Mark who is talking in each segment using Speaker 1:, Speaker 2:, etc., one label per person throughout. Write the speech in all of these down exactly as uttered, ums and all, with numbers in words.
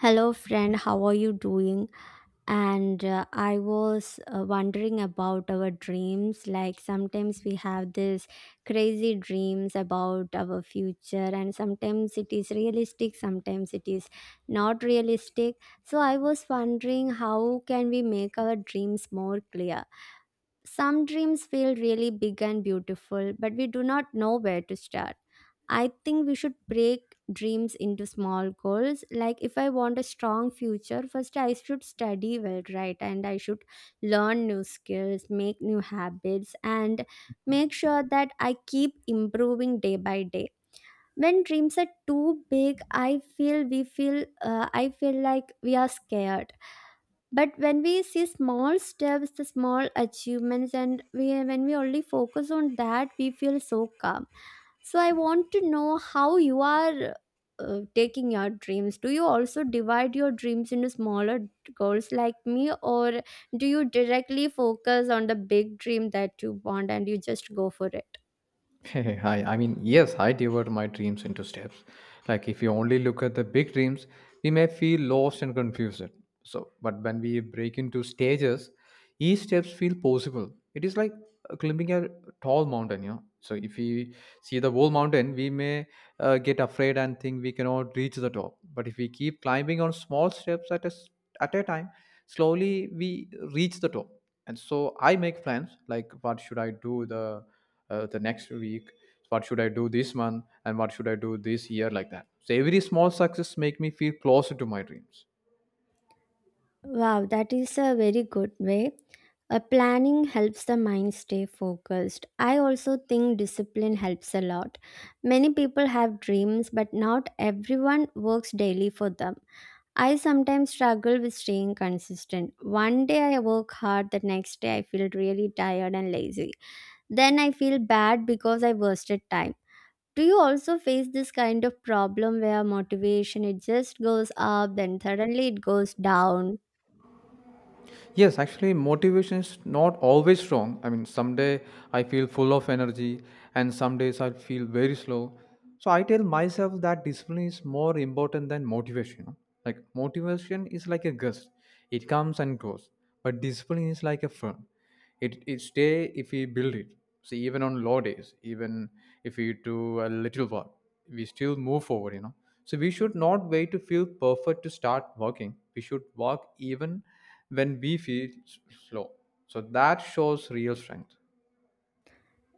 Speaker 1: Hello, friend. How are you doing? And uh, I was uh, wondering about our dreams. Like sometimes we have this crazy dreams about our future, and sometimes it is realistic, sometimes it is not realistic. So I was wondering how can we make our dreams more clear? Some dreams feel really big and beautiful, but we do not know where to start. I think we should break dreams into small goals. Like, if I want a strong future, first I should study well, right? And I should learn new skills, make new habits, and make sure that I keep improving day by day. When dreams are too big, I feel we feel, uh, I feel like we are scared, but when we see small steps, the small achievements, and we when we only focus on that, we feel so calm. So I want to know how you are uh, taking your dreams. Do you also divide your dreams into smaller goals like me, or do you directly focus on the big dream that you want and you just go for it?
Speaker 2: Hey, hi. I mean, yes, I divide my dreams into steps. Like, if you only look at the big dreams, we may feel lost and confused. So, but when we break into stages, each steps feel possible. It is like uh, climbing a tall mountain, you know. So, if we see the whole mountain, we may uh, get afraid and think we cannot reach the top. But if we keep climbing on small steps at a s- at a time, slowly we reach the top. And so, I make plans like what should I do the uh, the next week, what should I do this month, and what should I do this year, like that. So every small success make me feel closer to my dreams.
Speaker 1: Wow, that is a very good way. A planning helps the mind stay focused. I also think discipline helps a lot. Many people have dreams, but not everyone works daily for them. I sometimes struggle with staying consistent. One day I work hard, the next day I feel really tired and lazy. Then I feel bad because I wasted time. Do you also face this kind of problem where motivation it just goes up, then suddenly it goes down?
Speaker 2: Yes, actually motivation is not always strong. I mean, someday I feel full of energy and some days I feel very slow. So I tell myself that discipline is more important than motivation, you know? Like motivation is like a gust, it comes and goes, but discipline is like a friend, it it stay if we build it. See, even on low days, even if we do a little work, we still move forward, you know. So we should not wait to feel perfect to start working. We should work even when we feel s- slow. So that shows real strength.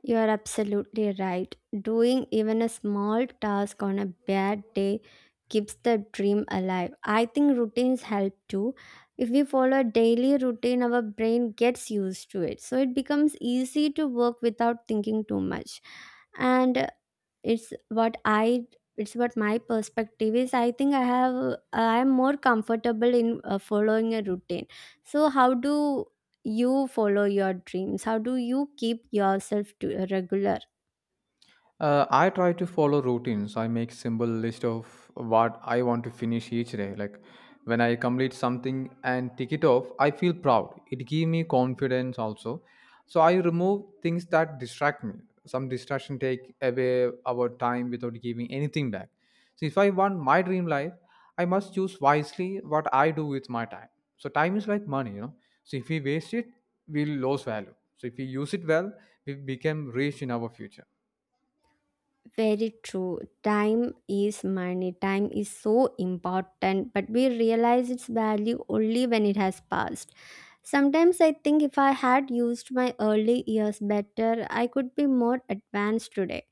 Speaker 1: You are absolutely right. Doing even a small task on a bad day keeps the dream alive. I think routines help too. If we follow a daily routine, our brain gets used to it. So it becomes easy to work without thinking too much. And uh, it's what I it's what my perspective is. I think I have I am more comfortable in uh, following a routine. So how do you follow your dreams? How do you keep yourself to uh, regular?
Speaker 2: Uh, I try to follow routines. I make simple list of what I want to finish each day. Like when I complete something and tick it off, I feel proud. It give me confidence also. So I remove things that distract me. Some distraction take away our time without giving anything back. So if I want my dream life, I must choose wisely what I do with my time. So time is like money, you know. So if we waste it, we'll lose value. So if we use it well, we become rich in our future.
Speaker 1: Very true. Time is money. Time is so important, but we realize its value only when it has passed. Sometimes I think if I had used my early years better, I could be more advanced today.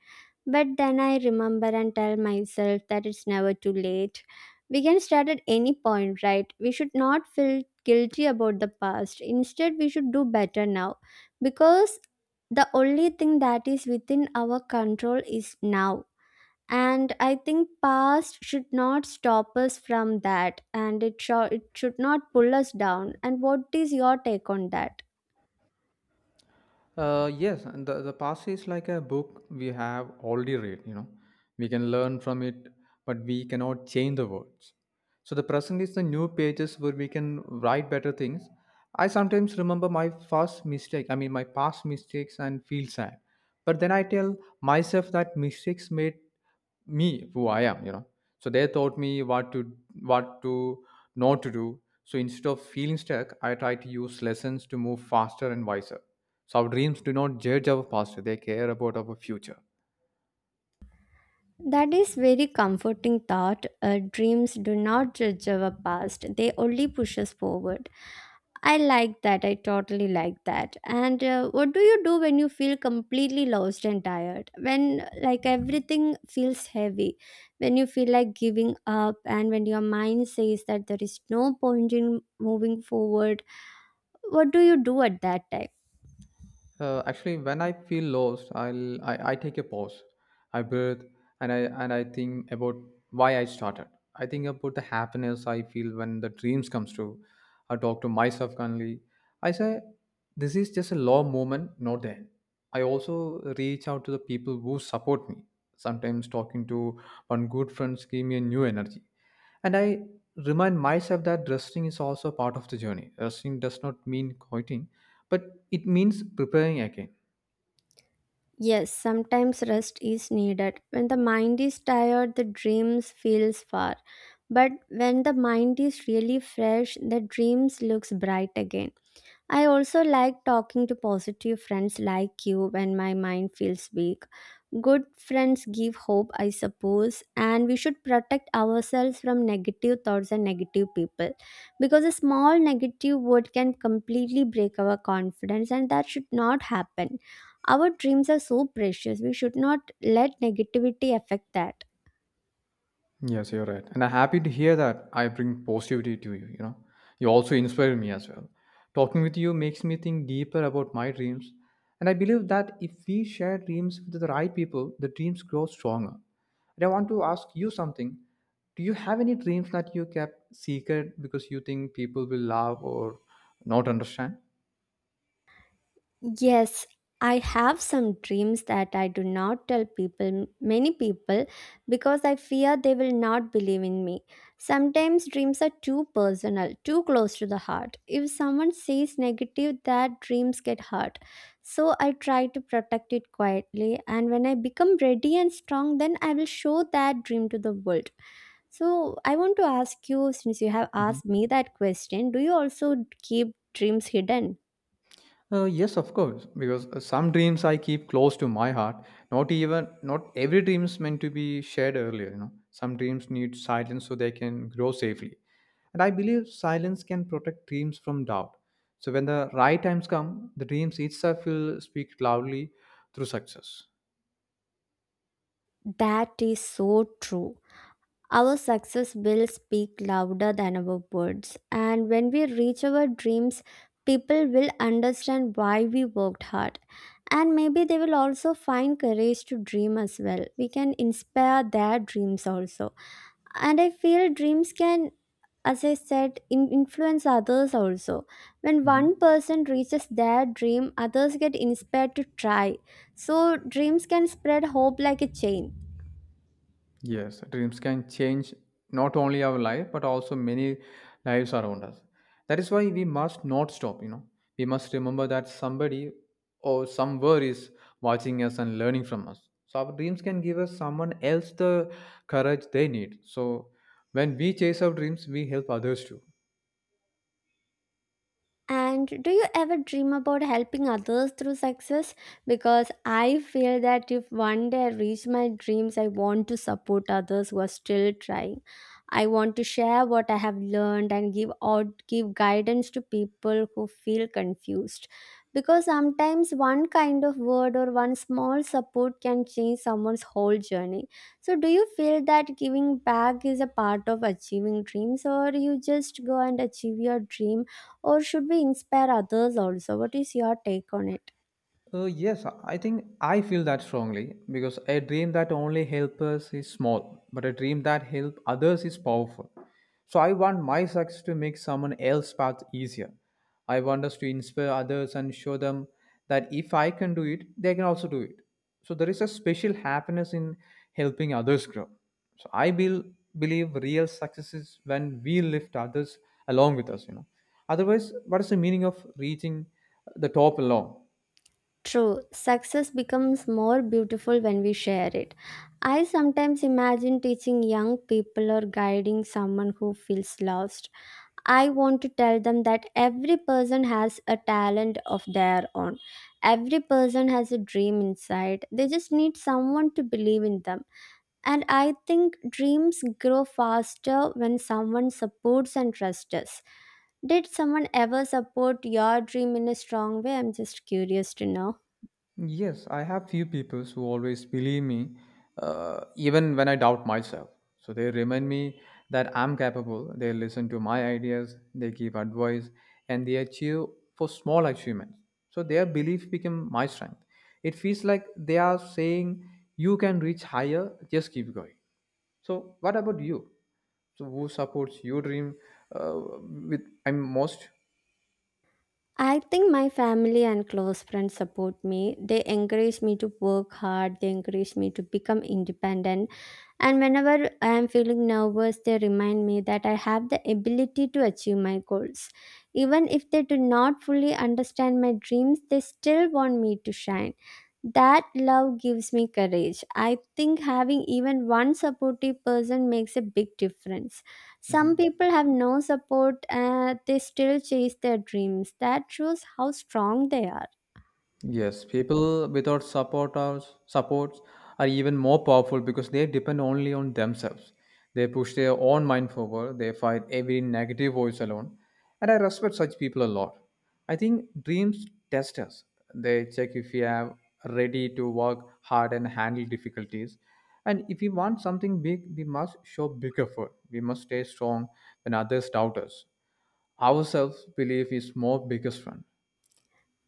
Speaker 1: But then I remember and tell myself that it's never too late. We can start at any point, right? We should not feel guilty about the past. Instead, we should do better now, because the only thing that is within our control is now. And I think past should not stop us from that, and it, sho- it should not pull us down. And what is your take on that?
Speaker 2: Uh, yes, and the, the past is like a book we have already read, you know. We can learn from it, but we cannot change the words. So the present is the new pages where we can write better things. I sometimes remember my first mistake, I mean my past mistakes, and feel sad. But then I tell myself that mistakes made me who I am, you know. So they taught me what to what to not to do. So instead of feeling stuck, I try to use lessons to move faster and wiser. So our dreams do not judge our past, they care about our future.
Speaker 1: That is very comforting thought. Uh, dreams do not judge our past, they only push us forward. I like that, I totally like that. And uh, what do you do when you feel completely lost and tired, when like everything feels heavy, when you feel like giving up, and when your mind says that there is no point in moving forward? What do you do at that time?
Speaker 2: Uh, actually, when I feel lost, I'll I, I take a pause, I breathe, and I and I think about why I started. I think about the happiness I feel when the dreams comes true. I talk to myself kindly. I say, this is just a low moment, not the end. I also reach out to the people who support me. Sometimes talking to one good friend gives me a new energy, and I remind myself that resting is also part of the journey. Resting does not mean quitting but it means preparing again.
Speaker 1: Yes, sometimes rest is needed. When the mind is tired, the dreams feels far. But when the mind is really fresh, the dreams looks bright again. I also like talking to positive friends like you when my mind feels weak. Good friends give hope, I suppose, and we should protect ourselves from negative thoughts and negative people, because a small negative word can completely break our confidence, and that should not happen. Our dreams are so precious, we should not let negativity affect that.
Speaker 2: Yes, you're right. And I'm happy to hear that I bring positivity to you, you know. You also inspire me as well. Talking with you makes me think deeper about my dreams. And I believe that if we share dreams with the right people, the dreams grow stronger. And I want to ask you something. Do you have any dreams that you kept secret because you think people will laugh or not understand?
Speaker 1: Yes, I have some dreams that I do not tell people, many people, because I fear they will not believe in me. Sometimes dreams are too personal, too close to the heart. If someone says negative, that dreams get hurt. So I try to protect it quietly, and when I become ready and strong, then I will show that dream to the world. So I want to ask you, since you have
Speaker 2: Mm-hmm.
Speaker 1: asked me that question, do you also keep dreams hidden?
Speaker 2: Uh, yes, of course, because uh, some dreams I keep close to my heart. Not even not every dream is meant to be shared earlier. You know, some dreams need silence so they can grow safely, and I believe silence can protect dreams from doubt. So when the right times come, the dreams itself will speak loudly through success.
Speaker 1: That is so true. Our success will speak louder than our words. And when we reach our dreams, people will understand why we worked hard. And maybe they will also find courage to dream as well. We can inspire their dreams also. And I feel dreams can, as I said, in- influence others also. When one
Speaker 2: Mhm.
Speaker 1: person reaches their dream, others get inspired to try. So dreams can spread hope like a chain.
Speaker 2: Yes, dreams can change not only our life but also many lives around us. That is why we must not stop, you know. We must remember that somebody or somewhere is watching us and learning from us. So our dreams can give us someone else the courage they need. So when we chase our dreams, we help others too.
Speaker 1: And do you ever dream about helping others through success? Because I feel that if one day I reach my dreams, I want to support others who are still trying. I want to share what I have learned and give out give guidance to people who feel confused. Because sometimes one kind of word or one small support can change someone's whole journey. So do you feel that giving back is a part of achieving dreams, or you just go and achieve your dream, or should we inspire others also? What is your take on it?
Speaker 2: Uh, yes, I think I feel that strongly because a dream that only helps us is small, but a dream that helps others is powerful. So I want my success to make someone else's path easier. I want us to inspire others and show them that if I can do it, they can also do it. So there is a special happiness in helping others grow. So I bel believe real success is when we lift others along with us, you know. Otherwise, what is the meaning of reaching the top alone?
Speaker 1: True, success becomes more beautiful when we share it. I sometimes imagine teaching young people or guiding someone who feels lost. I want to tell them that every person has a talent of their own. Every person has a dream inside. They just need someone to believe in them. And I think dreams grow faster when someone supports and trusts us. Did someone ever support your dream in a strong way? I'm just curious to know.
Speaker 2: Yes, I have few people who always believe me, uh, even when I doubt myself. So they remind me that I'm capable. They listen to my ideas, they give advice, and they achieve for small achievements. So their belief became my strength. It feels like they are saying, "You can reach higher. Just keep going." So what about you? So who supports your dream uh, with I'm most?
Speaker 1: I think my family and close friends support me. They encourage me to work hard, they encourage me to become independent. And whenever I am feeling nervous, they remind me that I have the ability to achieve my goals. Even if they do not fully understand my dreams, they still want me to shine. That love gives me courage. I think having even one supportive person makes a big difference. Some
Speaker 2: Mhm.
Speaker 1: people have no support, uh, they still chase their dreams. That shows how strong they are.
Speaker 2: Yes, people without support or supports are even more powerful because they depend only on themselves. They push their own mind forward. They fight every negative voice alone, and I respect such people a lot. I think dreams test us. They check if we are ready to work hard and handle difficulties. And if we want something big, we must show big effort. We must stay strong when others doubt us. Our self belief is more biggest friend.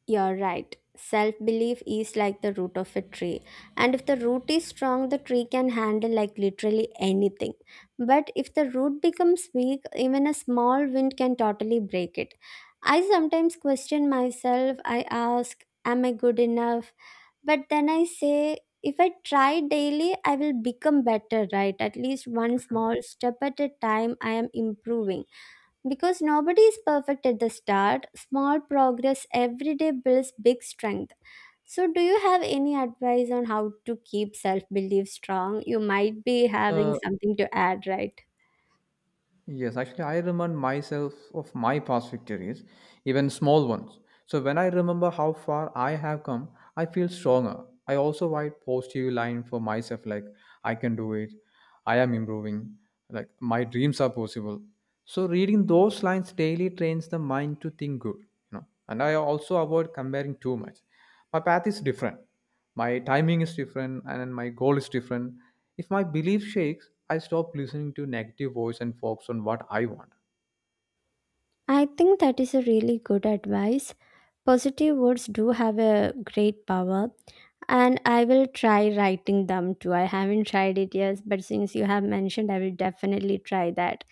Speaker 1: You're right. Self belief is like the root of a tree. And if the root is strong, the tree can handle like literally anything. But if the root becomes weak, even a small wind can totally break it. I sometimes question myself. I ask, am I good enough? But then I say, if I try daily, I will become better, right? At least one small step at a time, I am improving. Because nobody is perfect at the start, small progress every day builds big strength. So, do you have any advice on how to keep self belief strong? You might be having
Speaker 2: Mhm.
Speaker 1: something to add, right?
Speaker 2: Yes, actually, I remind myself of my past victories, even small ones. So when I remember how far I have come, I feel stronger. I also write positive line for myself like I can do it. I am improving, like my dreams are possible. So reading those lines daily trains the mind to think good, you know. And I also avoid comparing too much. My path is different, my timing is different, and my goal is different. If my belief shakes, I stop listening to negative voice and focus on what I want.
Speaker 1: I think that is a really good advice. Positive words do have a great power, and I will try writing them too. I haven't tried it yet, but since you have mentioned, I will definitely try that.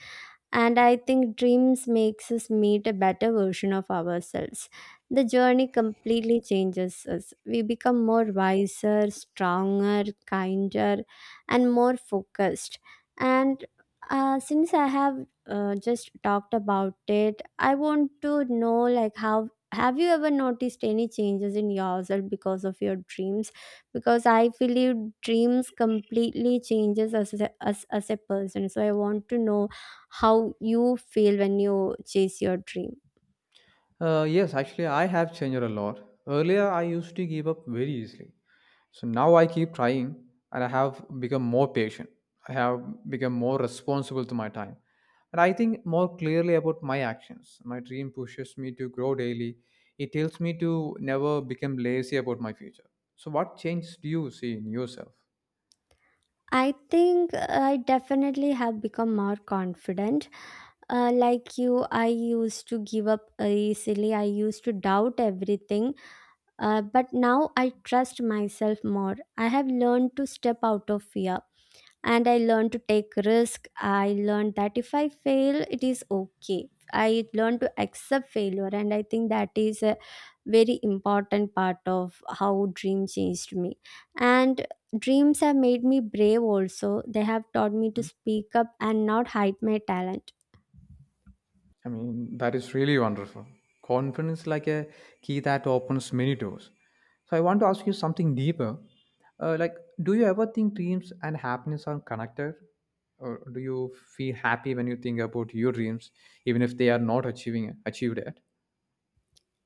Speaker 1: And I think dreams makes us meet a better version of ourselves. The journey completely changes us. We become more wiser, stronger, kinder, and more focused. And uh, since I have uh, just talked about it, I want to know like how have you ever noticed any changes in yourself because of your dreams, because I believe dreams completely changes us as, a- us as a person. So I want to know how you feel when you chase your dream.
Speaker 2: Uh, yes, actually, I have changed a lot. Earlier, I used to give up very easily. So now I keep trying and I have become more patient. I have become more responsible to my time. And I think more clearly about my actions. My dream pushes me to grow daily. It tells me to never become lazy about my future. So, what changes do you see in yourself?
Speaker 1: I think I definitely have become more confident. Uh, like you, I used to give up easily. I used to doubt everything. Uh, but now I trust myself more. I have learned to step out of fear, and I learned to take risk. I learned that if I fail, it is okay. I learned to accept failure, and I think that is a very important part of how dream changed me. And dreams have made me brave also. They have taught me to
Speaker 2: Hmm?
Speaker 1: speak up and not hide my talent.
Speaker 2: I mean, that is really wonderful. Confidence like a key that opens many doors. So I want to ask you something deeper. Uh, like, do you ever think dreams and happiness are connected? Or do you feel happy when you think about your dreams, even if they are not achieving achieved yet?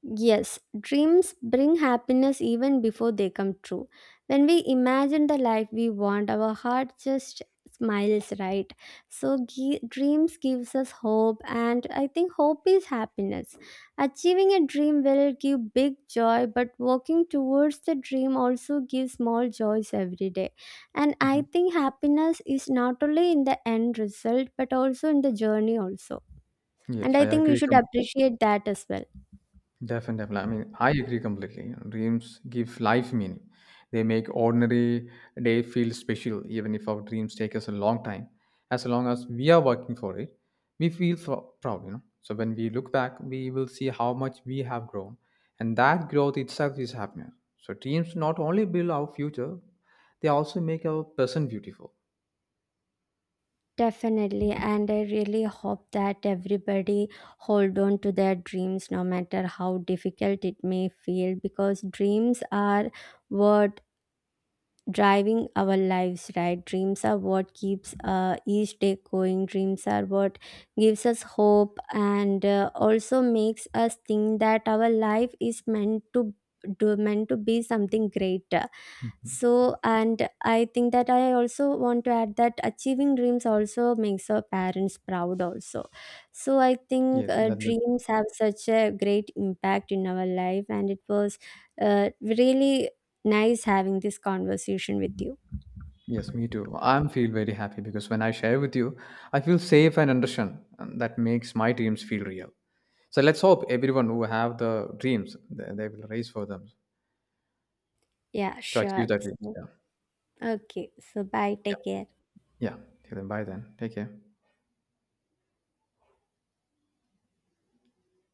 Speaker 1: Yes, dreams bring happiness even before they come true. When we imagine the life we want, our heart just smiles, right? So gi- dreams gives us hope, and I think hope is happiness. Achieving a dream will give big joy, but working towards the dream also gives small joys every day. And
Speaker 2: Mhm.
Speaker 1: I think happiness is not only in the end result but also in the journey also. And
Speaker 2: Yes, I
Speaker 1: I think we
Speaker 2: agree.
Speaker 1: should
Speaker 2: com-
Speaker 1: appreciate that as well.
Speaker 2: Definitely. I mean, I agree completely. Dreams give life meaning. They make ordinary day feel special, even if our dreams take us a long time. As long as we are working for it, we feel fro- proud, you know. So when we look back, we will see how much we have grown, and that growth itself is happiness. So dreams not only build our future, they also make our present beautiful.
Speaker 1: Definitely, and I really hope that everybody hold on to their dreams no matter how difficult it may feel, because dreams are what driving our lives, right? Dreams are what keeps uh, each day going. Dreams are what gives us hope, and uh, also makes us think that our life is meant to do meant to be something great. So, and I think that I also want to add that achieving dreams also makes our parents proud, also. So, I think
Speaker 2: Yes,
Speaker 1: uh,
Speaker 2: that,
Speaker 1: dreams have such a great impact in our life, and it was uh, really nice having this conversation with you.
Speaker 2: yes, me too. I'm feel very happy because when I share with you, I feel safe and understand, and that makes my dreams feel real. So let's hope everyone who have the dreams, they, they will raise for them
Speaker 1: Yeah,
Speaker 2: to achieve
Speaker 1: sure.
Speaker 2: their dreams.
Speaker 1: So,
Speaker 2: Yeah,
Speaker 1: okay. So, bye.
Speaker 2: yeah,
Speaker 1: Take care.
Speaker 2: yeah. Till then, bye then. Take care.